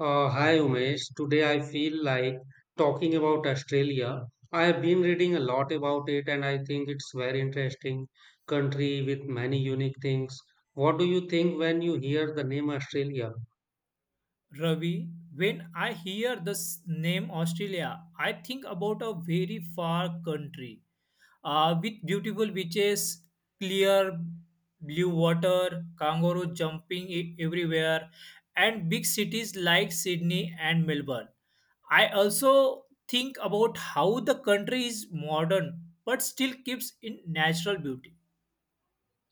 Hi Umesh, today I feel like talking about Australia. I have been reading a lot about it and I think it's very interesting country with many unique things. What do you think when you hear the name Australia? Ravi, when I hear the name Australia, I think about a very far country with beautiful beaches, clear blue water, kangaroo jumping everywhere, and big cities like Sydney and Melbourne. I also think about how the country is modern but still keeps in natural beauty.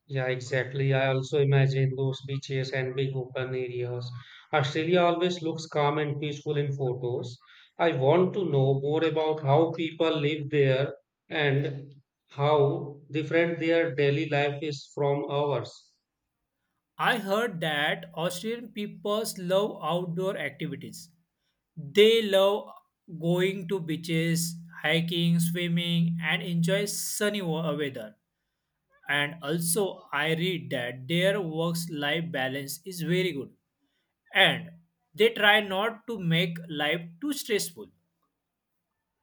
Yeah, exactly. I also imagine those beaches and big open areas. Australia always looks calm and peaceful in photos. I want to know more about how people live there and how different their daily life is from ours. I heard that Australian people love outdoor activities. They love going to beaches, hiking, swimming, and enjoy sunny weather. And also, I read that their work life balance is very good and they try not to make life too stressful.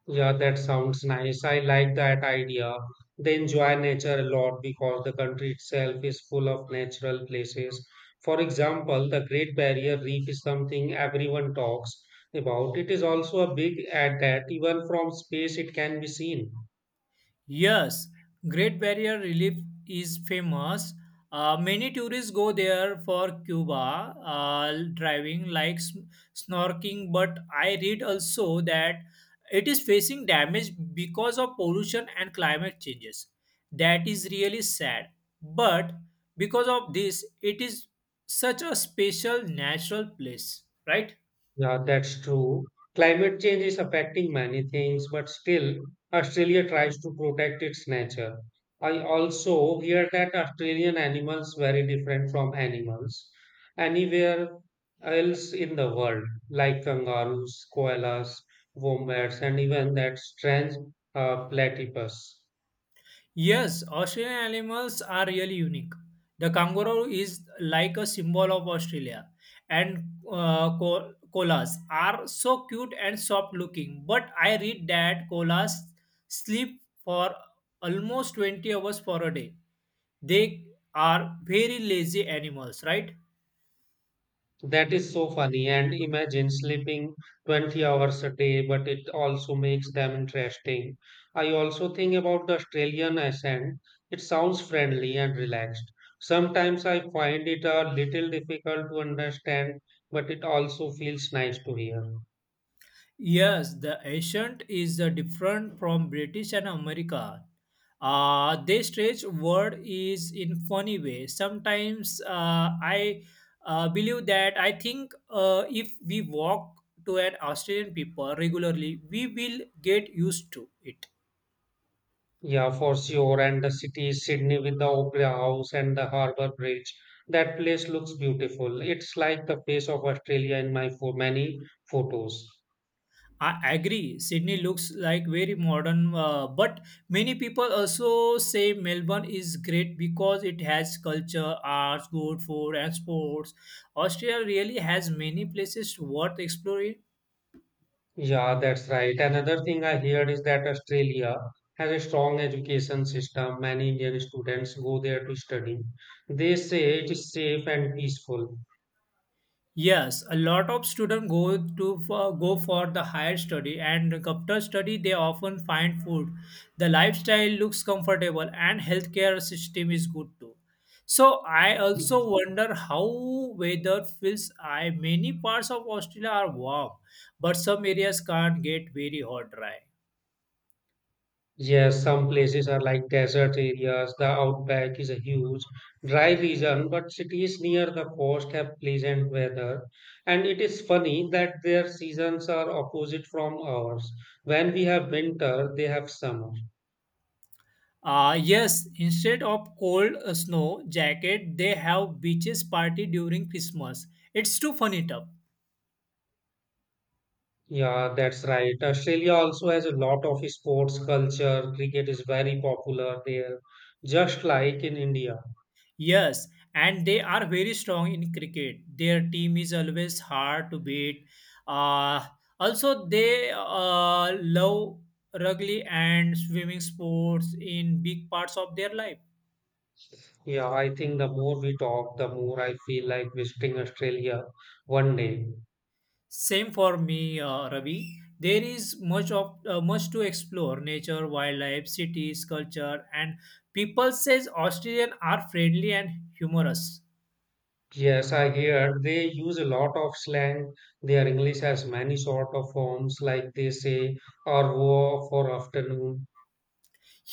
Yeah, that sounds nice. I like that idea. They enjoy nature a lot because the country itself is full of natural places. For example, the Great Barrier Reef is something everyone talks about. It is also a big at that even from space it can be seen. Yes, Great Barrier Reef is famous. Many tourists go there for Cuba driving, like snorkeling. But I read also that it is facing damage because of pollution and climate changes. That is really sad. But because of this, it is such a special natural place, right? Yeah, that's true. Climate change is affecting many things, but still, Australia tries to protect its nature. I also hear that Australian animals very different from animals anywhere else in the world, like kangaroos, koalas, wombats, and even that strange platypus. Yes, Australian animals are really unique. The kangaroo is like a symbol of Australia, and koalas are so cute and soft looking. But I read that koalas sleep for almost 20 hours for a day. They are very lazy animals, right? That is so funny. And imagine sleeping 20 hours a day, but it also makes them interesting. I also think about the Australian accent. It sounds friendly and relaxed. Sometimes I find it a little difficult to understand, but it also feels nice to hear. Yes, the accent is different from British and American. They stretch word is in funny way. Sometimes I believe that I think if we walk to an Australian people regularly, we will get used to it. Yeah, for sure. And the city is Sydney with the Opera House and the Harbour Bridge. That place looks beautiful. It's like the face of Australia in my for many photos. I agree. Sydney looks like very modern, but many people also say Melbourne is great because it has culture, arts, good food, and sports. Australia really has many places worth exploring. Yeah, that's right. Another thing I heard is that Australia has a strong education system. Many Indian students go there to study. They say it is safe and peaceful. Yes, a lot of students go to for, go for the higher study and after study they often find food. The lifestyle looks comfortable and healthcare system is good too. So I also wonder how weather feels. I many parts of Australia are warm, but some areas can't get very hot dry. Yes, some places are like desert areas. The outback is a huge, dry region, but cities near the coast have pleasant weather. And it is funny that their seasons are opposite from ours. When we have winter, they have summer. Yes, instead of cold snow jacket, they have beaches party during Christmas. It's too funny, tough. Yeah, that's right. Australia also has a lot of sports culture. Cricket is very popular there, just like in India. Yes, and they are very strong in cricket. Their team is always hard to beat. Uh, Also, they love rugby and swimming sports in big parts of their life. Yeah, I think the more we talk, the more I feel like visiting Australia one day. Same for me, Ravi. There is much to explore: nature, wildlife, cities, culture, and people says Australian are friendly and humorous. Yes, I hear they use a lot of slang. Their English has many sort of forms, like they say, or for afternoon.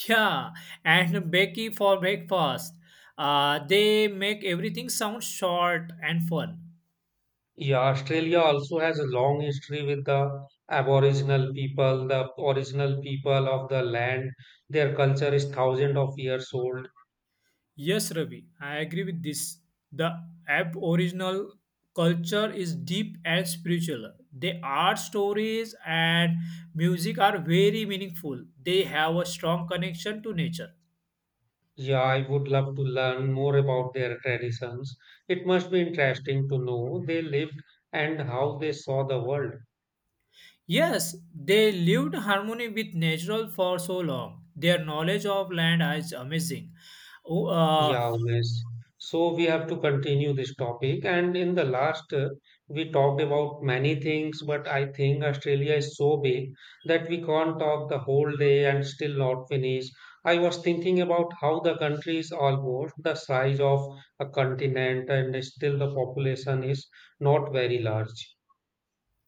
Yeah, and Becky for breakfast. They make everything sound short and fun. Yeah, Australia also has a long history with the Aboriginal people, the original people of the land. Their culture is thousands of years old. Yes, Ravi, I agree with this. The Aboriginal culture is deep and spiritual. The art stories and music are very meaningful. They have a strong connection to nature. Yeah, I would love to learn more about their traditions. It must be interesting to know they lived and how they saw the world. Yes, they lived harmony with nature for so long. Their knowledge of land is amazing. Oh. Yeah, yes. So we have to continue this topic. And in the last, we talked about many things, but I think Australia is so big that we can't talk the whole day and still not finish. I was thinking about how the country is almost the size of a continent and still the population is not very large.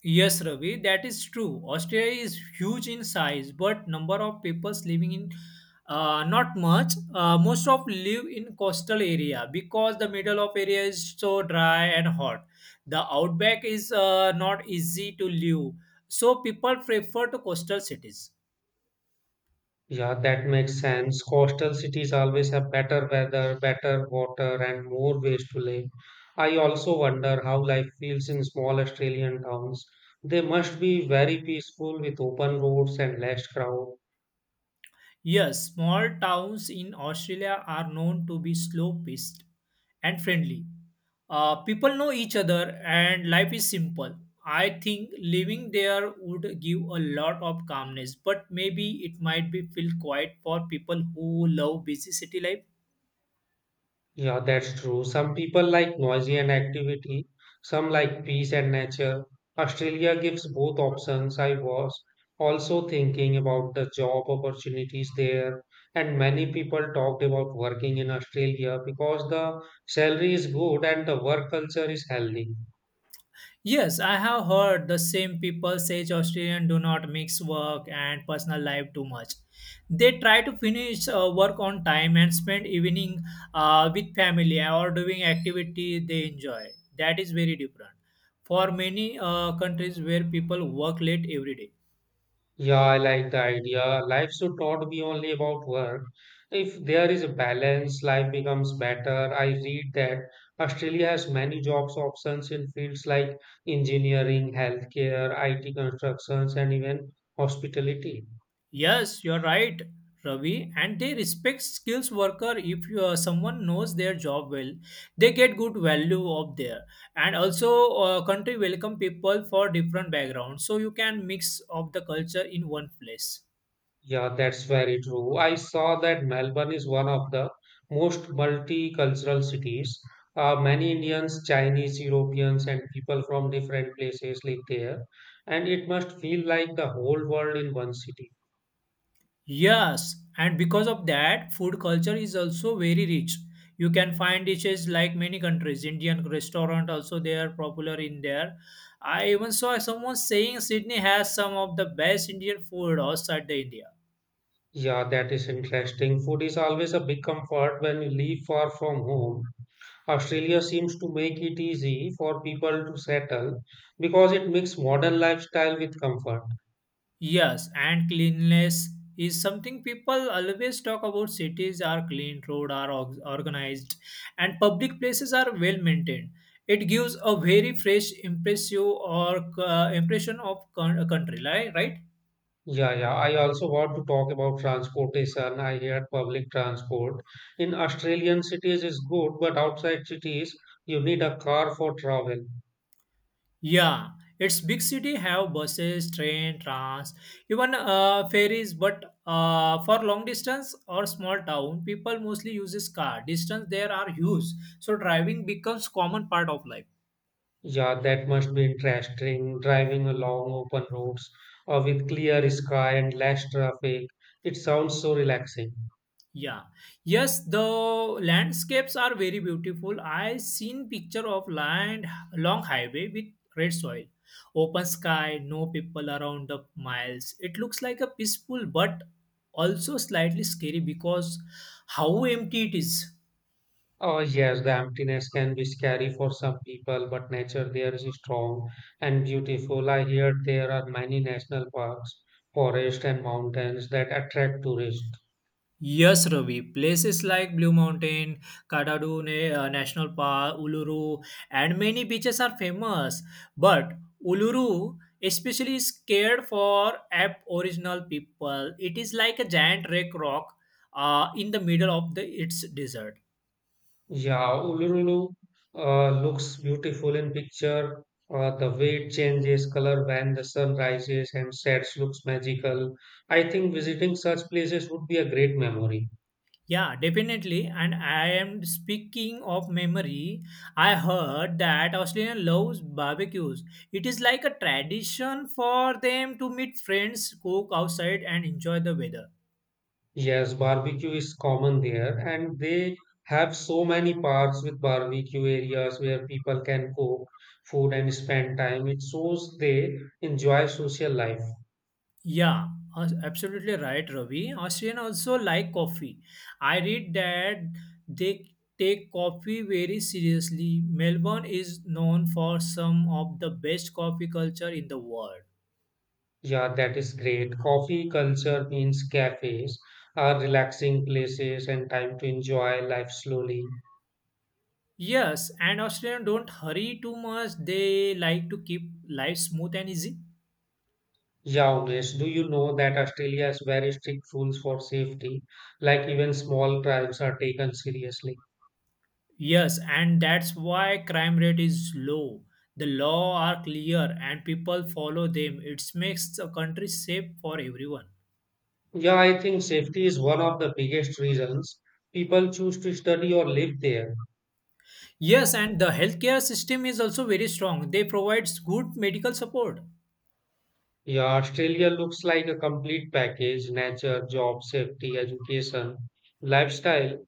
Yes, Ravi, that is true. Australia is huge in size, but number of people living in not much. Most of live in coastal area because the middle of area is so dry and hot. The outback is not easy to live, so people prefer to coastal cities. Yeah, that makes sense. Coastal cities always have better weather, better water, and more ways to live. I also wonder how life feels in small Australian towns. They must be very peaceful with open roads and less crowd. Yes, small towns in Australia are known to be slow paced and friendly. People know each other and life is simple. I think living there would give a lot of calmness, but maybe it might be feel quiet for people who love busy city life. Yeah, that's true. Some people like noisy and activity, some like peace and nature. Australia gives both options. I was also thinking about the job opportunities there, and many people talked about working in Australia because the salary is good and the work culture is healthy. Yes, I have heard the same people say Australians do not mix work and personal life too much. They try to finish work on time and spend evening with family or doing activity they enjoy. That is very different. For many countries where people work late every day. Yeah, I like the idea. Life should not be only about work. If there is a balance, life becomes better. I read that Australia has many jobs options in fields like engineering, healthcare, IT constructions, and even hospitality. Yes, you're right, Ravi. And they respect skills worker if you are, someone knows their job well. They get good value up there. And also, country welcome people for different backgrounds, so you can mix up the culture in one place. Yeah, that's very true. I saw that Melbourne is one of the most multicultural cities. Many Indians, Chinese, Europeans, and people from different places live there, and it must feel like the whole world in one city. Yes, and because of that, food culture is also very rich. You can find dishes like many countries. Indian restaurant also they are popular in there. I even saw someone saying Sydney has some of the best Indian food outside the India. Yeah, that is interesting. Food is always a big comfort when you leave far from home. Australia seems to make it easy for people to settle because it mixes modern lifestyle with comfort. Yes, and cleanliness is something people always talk about. Cities are clean, road are organized, and public places are well maintained. It gives a very fresh impression or impression of a country, right? Yeah, yeah. I also want to talk about transportation. I heard public transport in Australian cities is good, but outside cities, you need a car for travel. Yeah, its big city have buses, train, trams, even ferries. But for long distance or small town, people mostly uses car. Distance there are huge, so driving becomes common part of life. Yeah, that must be interesting. Driving along open roads or with clear sky and less traffic. It sounds so relaxing. Yeah. Yes, the landscapes are very beautiful. I seen picture of land long highway with red soil, open sky, no people around the miles. It looks like a peaceful but also slightly scary because how empty it is. Oh, yes, the emptiness can be scary for some people, but nature there is strong and beautiful. I hear there are many national parks, forests, and mountains that attract tourists. Yes, Ravi. Places like Blue Mountain, Kadadu National Park, Uluru, and many beaches are famous. But Uluru, especially, is cared for app original people. It is like a giant wreck rock in the middle of the its desert. Yeah, Uluru looks beautiful in picture. The way it changes color when the sun rises and sets looks magical. I think visiting such places would be a great memory. Yeah, definitely. And I am speaking of memory. I heard that Australia loves barbecues. It is like a tradition for them to meet friends, cook outside, and enjoy the weather. Yes, barbecue is common there, and they have so many parks with barbecue areas where people can cook food and spend time. It shows they enjoy social life. Yeah, absolutely right, Ravi. Australian also like coffee. I read that they take coffee very seriously. Melbourne is known for some of the best coffee culture in the world. Yeah, that is great. Coffee culture means cafes are relaxing places and time to enjoy life slowly. Yes, and Australians don't hurry too much. They like to keep life smooth and easy. Yeah, Umesh, do you know that Australia has very strict rules for safety? Like even small crimes are taken seriously. Yes, and that's why crime rate is low. The law are clear and people follow them. It makes the country safe for everyone. Yeah, I think safety is one of the biggest reasons people choose to study or live there. Yes, and the healthcare system is also very strong. They provides good medical support. Yeah, Australia looks like a complete package, nature, job, safety, education, lifestyle.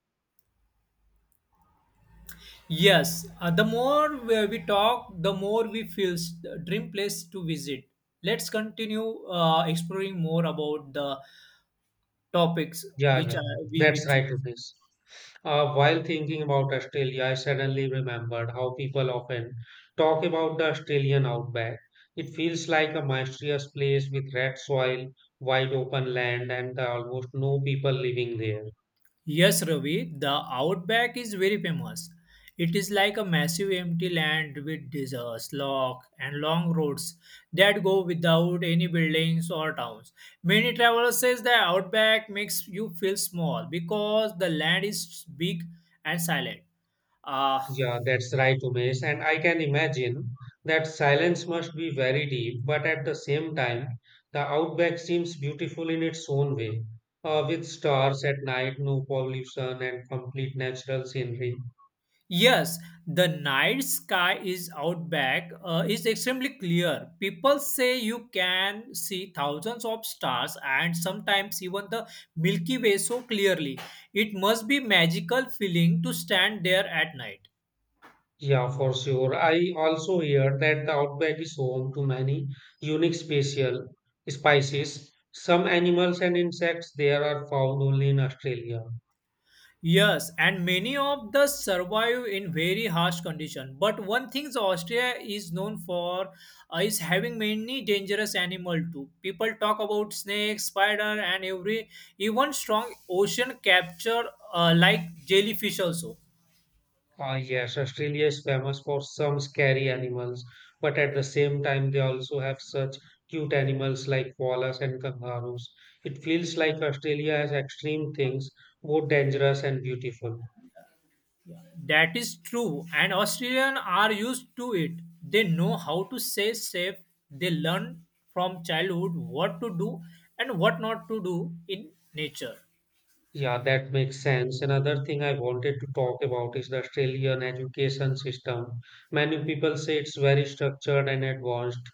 Yes, the more we talk, the more we feel dream place to visit. Let's continue exploring more about the topics Yeah, yeah, which yeah. I, That's we choose. right, Umesh. While thinking about Australia, I suddenly remembered how people often talk about the Australian outback. It feels like a mysterious place with red soil, wide open land, and almost no people living there. Yes, Ravi, the outback is very famous. It is like a massive empty land with deserts, lock, and long roads that go without any buildings or towns. Many travelers says the outback makes you feel small because the land is big and silent. Uh, Yeah, that's right, Umesh. And I can imagine that silence must be very deep, but at the same time, the outback seems beautiful in its own way, with stars at night, no pollution, and complete natural scenery. Yes, the night sky is out back is extremely clear. People say you can see thousands of stars and sometimes even the Milky Way so clearly. It must be magical feeling to stand there at night. Yeah, for sure. I also hear that the outback is home to many unique special species. Some animals and insects there are found only in Australia. Yes, and many of the survive in very harsh condition. But one thing Austria is known for is having many dangerous animal too. People talk about snakes, spider, and every even strong ocean capture like jellyfish also. Ah, yes, Australia is famous for some scary animals, but at the same time, they also have such cute animals like koalas and kangaroos. It feels like Australia has extreme things, both dangerous and beautiful. That is true, and Australian are used to it. They know how to stay safe. They learn from childhood what to do and what not to do in nature. Yeah, that makes sense. Another thing I wanted to talk about is the Australian education system. Many people say it's very structured and advanced.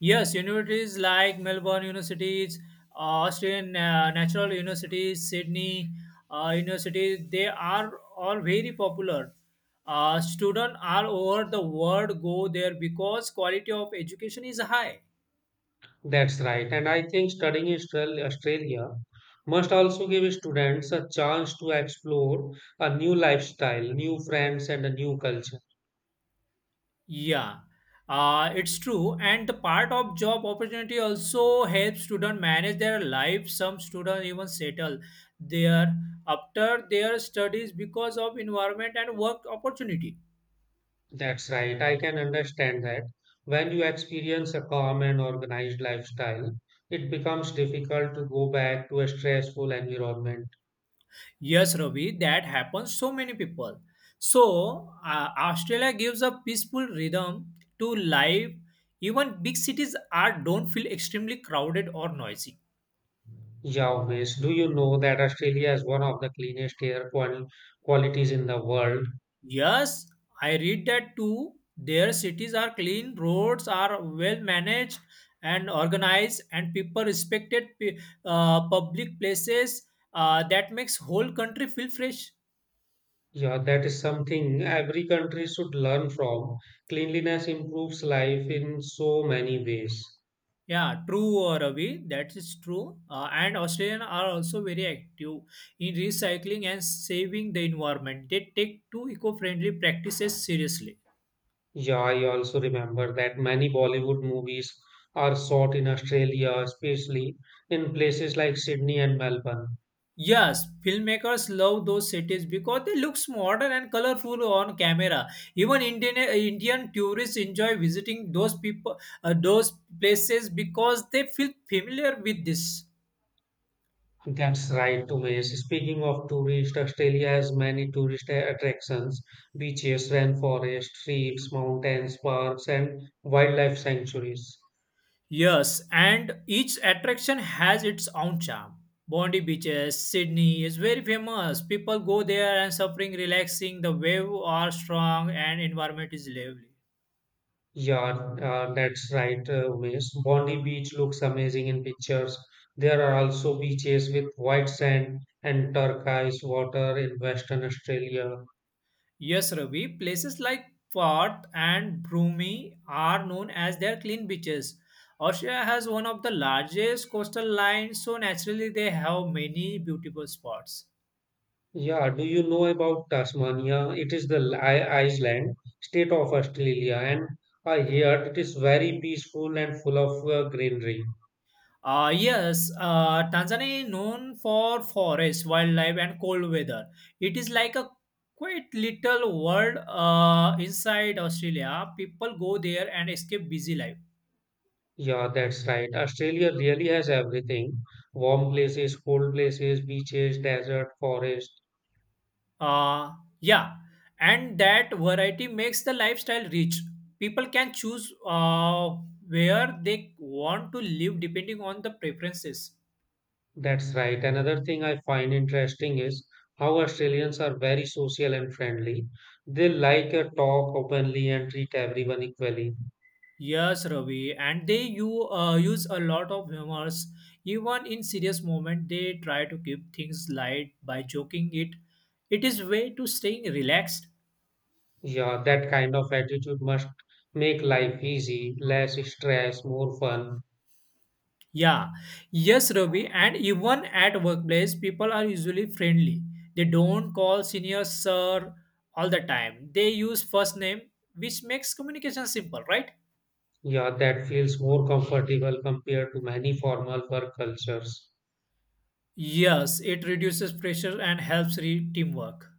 Yes, universities like Melbourne universities, uh, Australian Natural universities, Sydney universities, they are all very popular. Students all over the world go there because quality of education is high. That's right. And I think studying in Australia must also give students a chance to explore a new lifestyle, new friends, and a new culture. Yeah, it's true. And the part of job opportunity also helps students manage their life. Some students even settle there after their studies because of environment and work opportunity. That's right. I can understand that. When you experience a calm and organized lifestyle, it becomes difficult to go back to a stressful environment. Yes, Ravi, that happens so many people. So Australia gives a peaceful rhythm to life. Even big cities are don't feel extremely crowded or noisy. Yeah, always. Do you know that Australia is one of the cleanest air qualities in the world? Yes, I read that too. Their cities are clean, roads are well managed and organized, and people respected public places. That makes whole country feel fresh. Yeah, that is something every country should learn from. Cleanliness improves life in so many ways. Yeah, true, Ravi. That is true. And Australians are also very active in recycling and saving the environment. They take two eco-friendly practices seriously. Yeah, I also remember that many Bollywood movies are shot in Australia, especially in places like Sydney and Melbourne. Yes, filmmakers love those cities because they look modern and colorful on camera. Even Indian tourists enjoy visiting those people, those places because they feel familiar with this. That's right, Umesh. Speaking of tourists, Australia has many tourist attractions, beaches, rainforests, reefs, mountains, parks, and wildlife sanctuaries. Yes, and each attraction has its own charm. Bondi beaches, Sydney is very famous. People go there and suffering, relaxing. The wave are strong and environment is lively. Yeah, that's right, Umesh. Bondi Beach looks amazing in pictures. There are also beaches with white sand and turquoise water in Western Australia. Yes, Ravi, places like Perth and Broomy are known as their clean beaches. Australia has one of the largest coastal lines, so naturally they have many beautiful spots. Yeah, do you know about Tasmania? It is the island state of Australia, and I heard it is very peaceful and full of greenery. Yes, Tanzania is known for forests, wildlife, and cold weather. It is like a quite little world inside Australia. People go there and escape busy life. Yeah, that's right. Australia really has everything. Warm places, cold places, beaches, desert, forest. Uh, yeah, and that variety makes the lifestyle rich. People can choose where they want to live depending on the preferences. That's right. Another thing I find interesting is how Australians are very social and friendly. They like to talk openly and treat everyone equally. Yes, Ravi, and they you use a lot of humors. Even in serious moment, they try to keep things light by joking it. It is way to staying relaxed. Yeah, that kind of attitude must make life easy, less stress, more fun. Yeah, yes, Ravi, and even at workplace, people are usually friendly. They don't call senior sir all the time. They use first name, which makes communication simple, right? Yeah, that feels more comfortable compared to many formal work cultures. Yes, it reduces pressure and helps teamwork.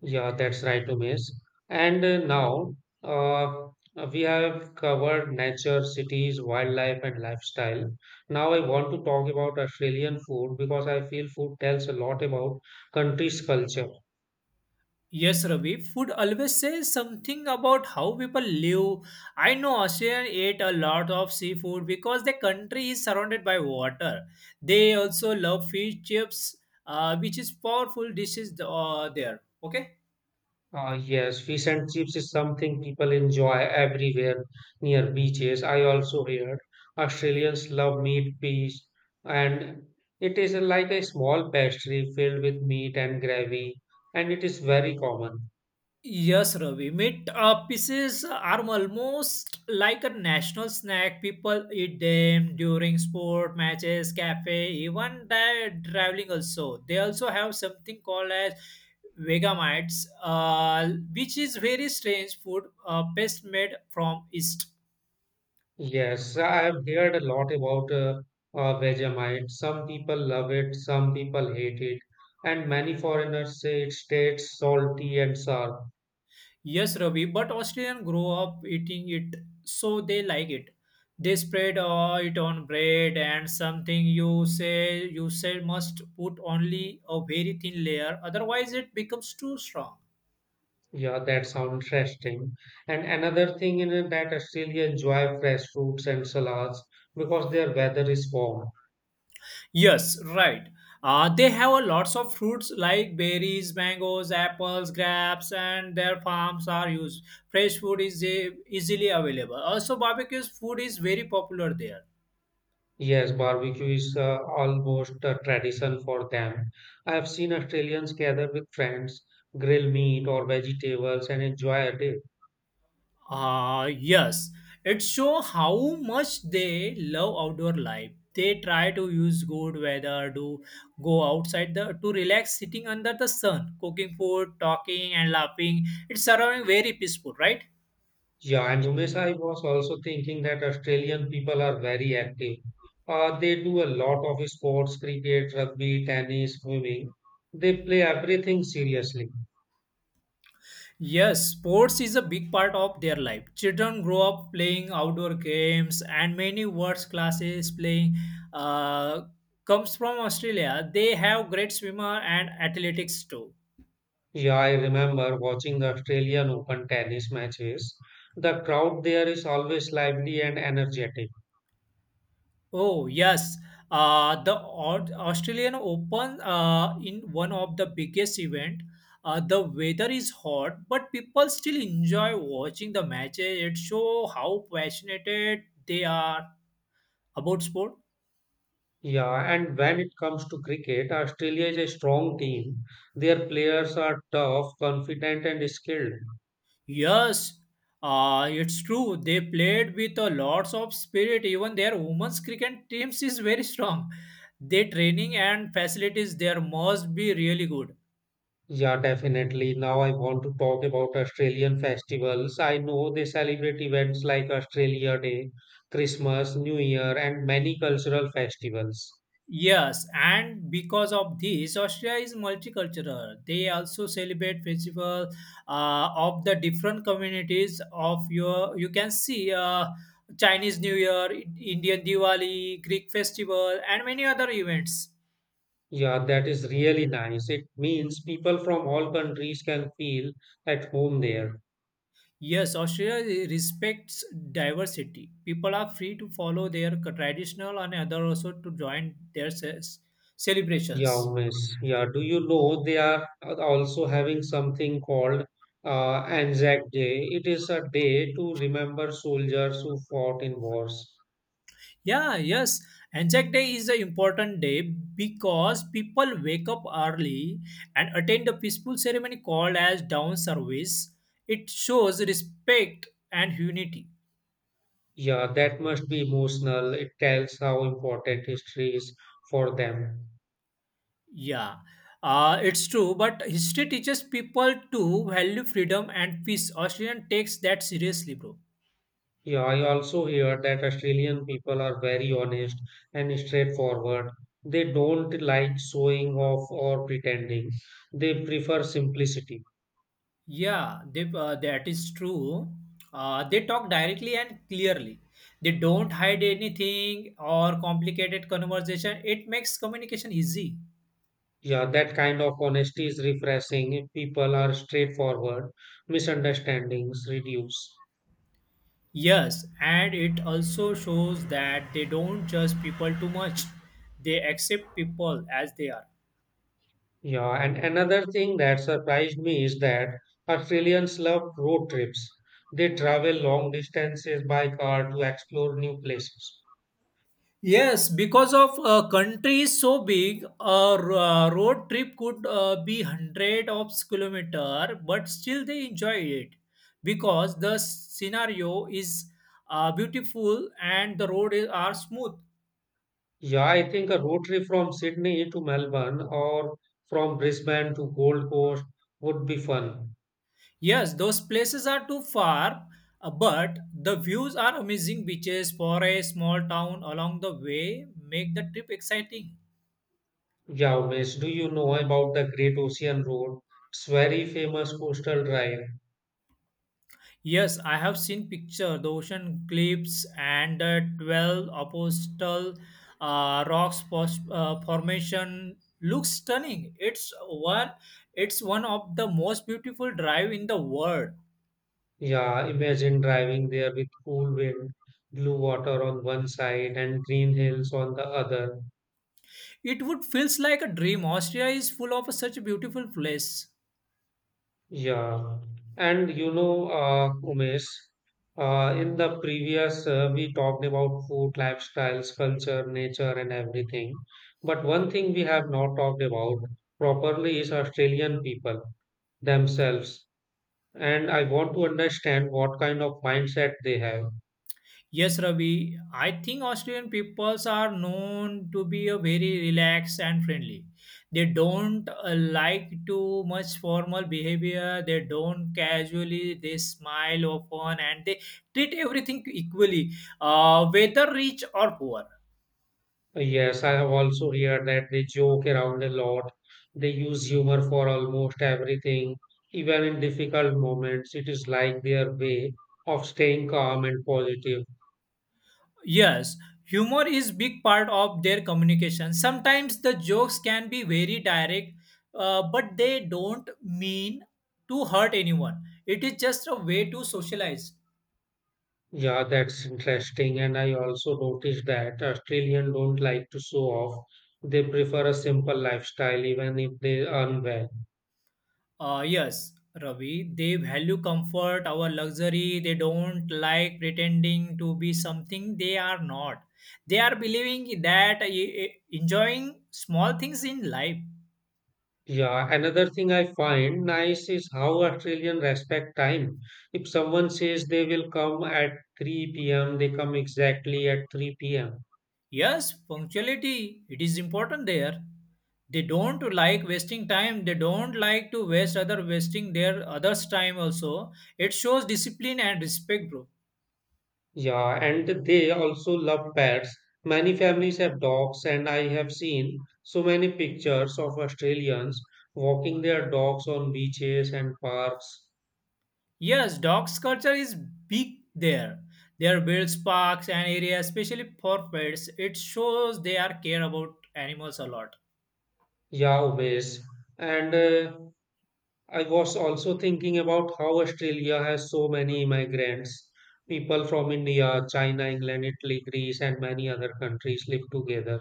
Yeah, that's right, Umesh. And now uh, we have covered nature, cities, wildlife, and lifestyle. Now I want to talk about Australian food because I feel food tells a lot about country's culture. Yes, Ravi. Food always says something about how people live. I know Australians ate a lot of seafood because the country is surrounded by water. They also love fish chips, which is powerful dishes there. Okay. Yes, fish and chips is something people enjoy everywhere near beaches. I also heard Australians love meat pies, and it is like a small pastry filled with meat and gravy, and it is very common. Yes, Ravi. Meat pieces are almost like a national snack. People eat them during sport matches, cafe, even that traveling also. They also have something called as vegamites, which is very strange food best made from yeast. Yes, I have heard a lot about Vegemite. Some people love it, some people hate it, and many foreigners say it tastes salty and sour. Yes, Ravi, but Australians grow up eating it, so they like it. They spread it on bread and something you say you said must put only a very thin layer, otherwise it becomes too strong. Yeah, that sounds interesting. And another thing in it that Australia enjoy fresh fruits and salads because their weather is warm. Yes, right. They have a lots of fruits like berries, mangoes, apples, grapes, and their farms are used. Fresh food is easily available. Also, barbecues food is very popular there. Yes, barbecue is almost a tradition for them. I have seen Australians gather with friends, grill meat or vegetables and enjoy it. Ah, yes. It shows how much they love outdoor life. They try to use good weather to go outside the to relax, sitting under the sun, cooking food, talking and laughing. It's surrounding very peaceful, right? Yeah, and Umesh, I was also thinking that Australian people are very active. They do a lot of sports, cricket, rugby, tennis, swimming. They play everything seriously. Yes, sports is a big part of their life. Children grow up playing outdoor games and many words classes playing uh, comes from Australia. They have great swimmer and athletics too. Yeah, I remember watching the Australian Open tennis matches. The crowd there is always lively and energetic. Oh, yes. The Australian Open in one of the biggest event. The weather is hot, but people still enjoy watching the matches. It show how passionate they are about sport. Yeah, and when it comes to cricket, Australia is a strong team. Their players are tough, confident, and skilled. Yes, it's true. They played with a lots of spirit. Even their women's cricket teams is very strong. Their training and facilities there must be really good. Yeah, definitely. Now I want to talk about Australian festivals. I know they celebrate events like Australia Day, Christmas, New Year, and many cultural festivals. Yes, and because of this, Australia is multicultural. They also celebrate festival of the different communities of your. You can see Chinese New Year, Indian Diwali, Greek festival, and many other events. Yeah, that is really nice. It means people from all countries can feel at home there. Yes, Australia respects diversity. People are free to follow their traditional and other also to join their Yeah, celebrations. miss. Yeah, do you know they are also having something called Anzac Day? It is a day to remember soldiers who fought in wars. Yeah, yes. Anzac Day is an important day because people wake up early and attend a peaceful ceremony called as down service. It shows respect and unity. Yeah, that must be emotional. It tells how important history is for them. Yeah, it's true, but history teaches people to value freedom and peace. Australian takes that seriously, bro. Yeah, I also hear that Australian people are very honest and straightforward. They don't like showing off or pretending. They prefer simplicity. Yeah, that is true. They talk directly and clearly. They don't hide anything or complicated conversation. It makes communication easy. Yeah, that kind of honesty is refreshing if people are straightforward, misunderstandings reduce. Yes, and it also shows that they don't judge people too much. They accept people as they are. Yeah, and another thing that surprised me is that Australians love road trips. They travel long distances by car to explore new places. Yes, because of a country is so big, a road trip could be hundred of kilometer, but still they enjoy it because the scenario is beautiful and the road is, are smooth. Yeah, I think a road trip from Sydney to Melbourne or from Brisbane to Gold Coast would be fun. Yes, those places are too far, but the views are amazing. Beaches, forests, small town along the way make the trip exciting. Yeah, Umesh, do you know about the Great Ocean Road? It's very famous coastal drive. Yes, I have seen picture the ocean cliffs and the twelve apostle rocks formation looks stunning. It's one of the most beautiful drive in the world. Yeah, imagine driving there with cool wind, blue water on one side and green hills on the other. It would feels like a dream. Austria is full of such beautiful place. Yeah, and you know, Umesh, in the previous, we talked about food, lifestyles, culture, nature, and everything. But one thing we have not talked about properly is Australian people themselves. And I want to understand what kind of mindset they have. Yes, Ravi. I think Australian peoples are known to be a very relaxed and friendly. They don't like too much formal behavior. They don't casually. They smile often and they treat everything equally, whether rich or poor. Yes, I have also heard that they joke around a lot. They use humor for almost everything, even in difficult moments. It is like their way of staying calm and positive. Yes, humor is big part of their communication. Sometimes the jokes can be very direct, but they don't mean to hurt anyone. It is just a way to socialize. Yeah, that's interesting. And I also noticed that Australians don't like to show off. They prefer a simple lifestyle, even if they earn well. Yes, Ravi, they value comfort, our luxury. They don't like pretending to be something they are not. They are believing that enjoying small things in life. Yeah, another thing I find nice is how Australians respect time. If someone says they will come at 3 p.m., they come exactly at 3 p.m. Yes, punctuality, it is important there. They don't like wasting time. They don't like to waste other wasting their others' time also. It shows discipline and respect, bro. Yeah, and they also love pets. Many families have dogs, and I have seen so many pictures of Australians walking their dogs on beaches and parks. Yes, dogs culture is big there. There are birds, parks, and areas, especially for pets. It shows they are care about animals a lot. Yeah, always. And I was also thinking about how Australia has so many immigrants. People from India, China, England, Italy, Greece, and many other countries live together.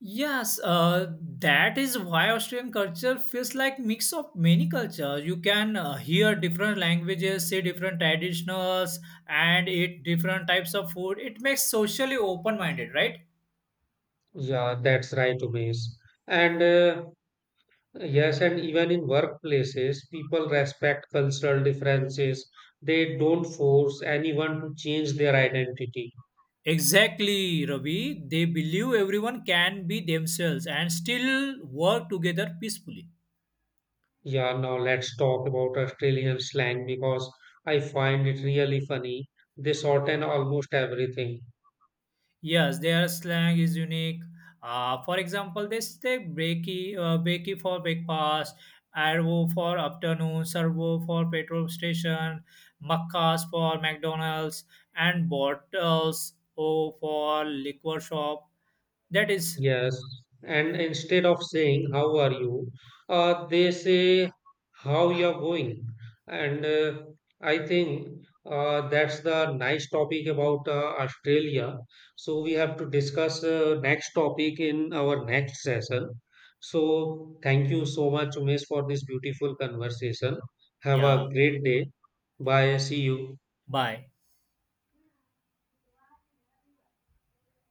Yes, that is why Australian culture feels like mix of many cultures. You can hear different languages, see different traditionals, and eat different types of food. It makes socially open-minded, right? Yeah, that's right, Umesh. And yes, and even in workplaces, people respect cultural differences. They don't force anyone to change their identity. Exactly, Ravi. They believe everyone can be themselves and still work together peacefully. Yeah, now let's talk about Australian slang because I find it really funny. They shorten almost everything. Yes, their slang is unique. For example, they say breaky for breakfast, arvo for afternoon, servo for petrol station, maccas for McDonald's, and bottles o for liquor shop. That is, Yes, and instead of saying how are you, they say how you're going. And I think that's the nice topic about Australia. So we have to discuss next topic in our next session. So thank you so much, Umesh, for this beautiful conversation. Have yeah, a great day. Bye. See you. bye.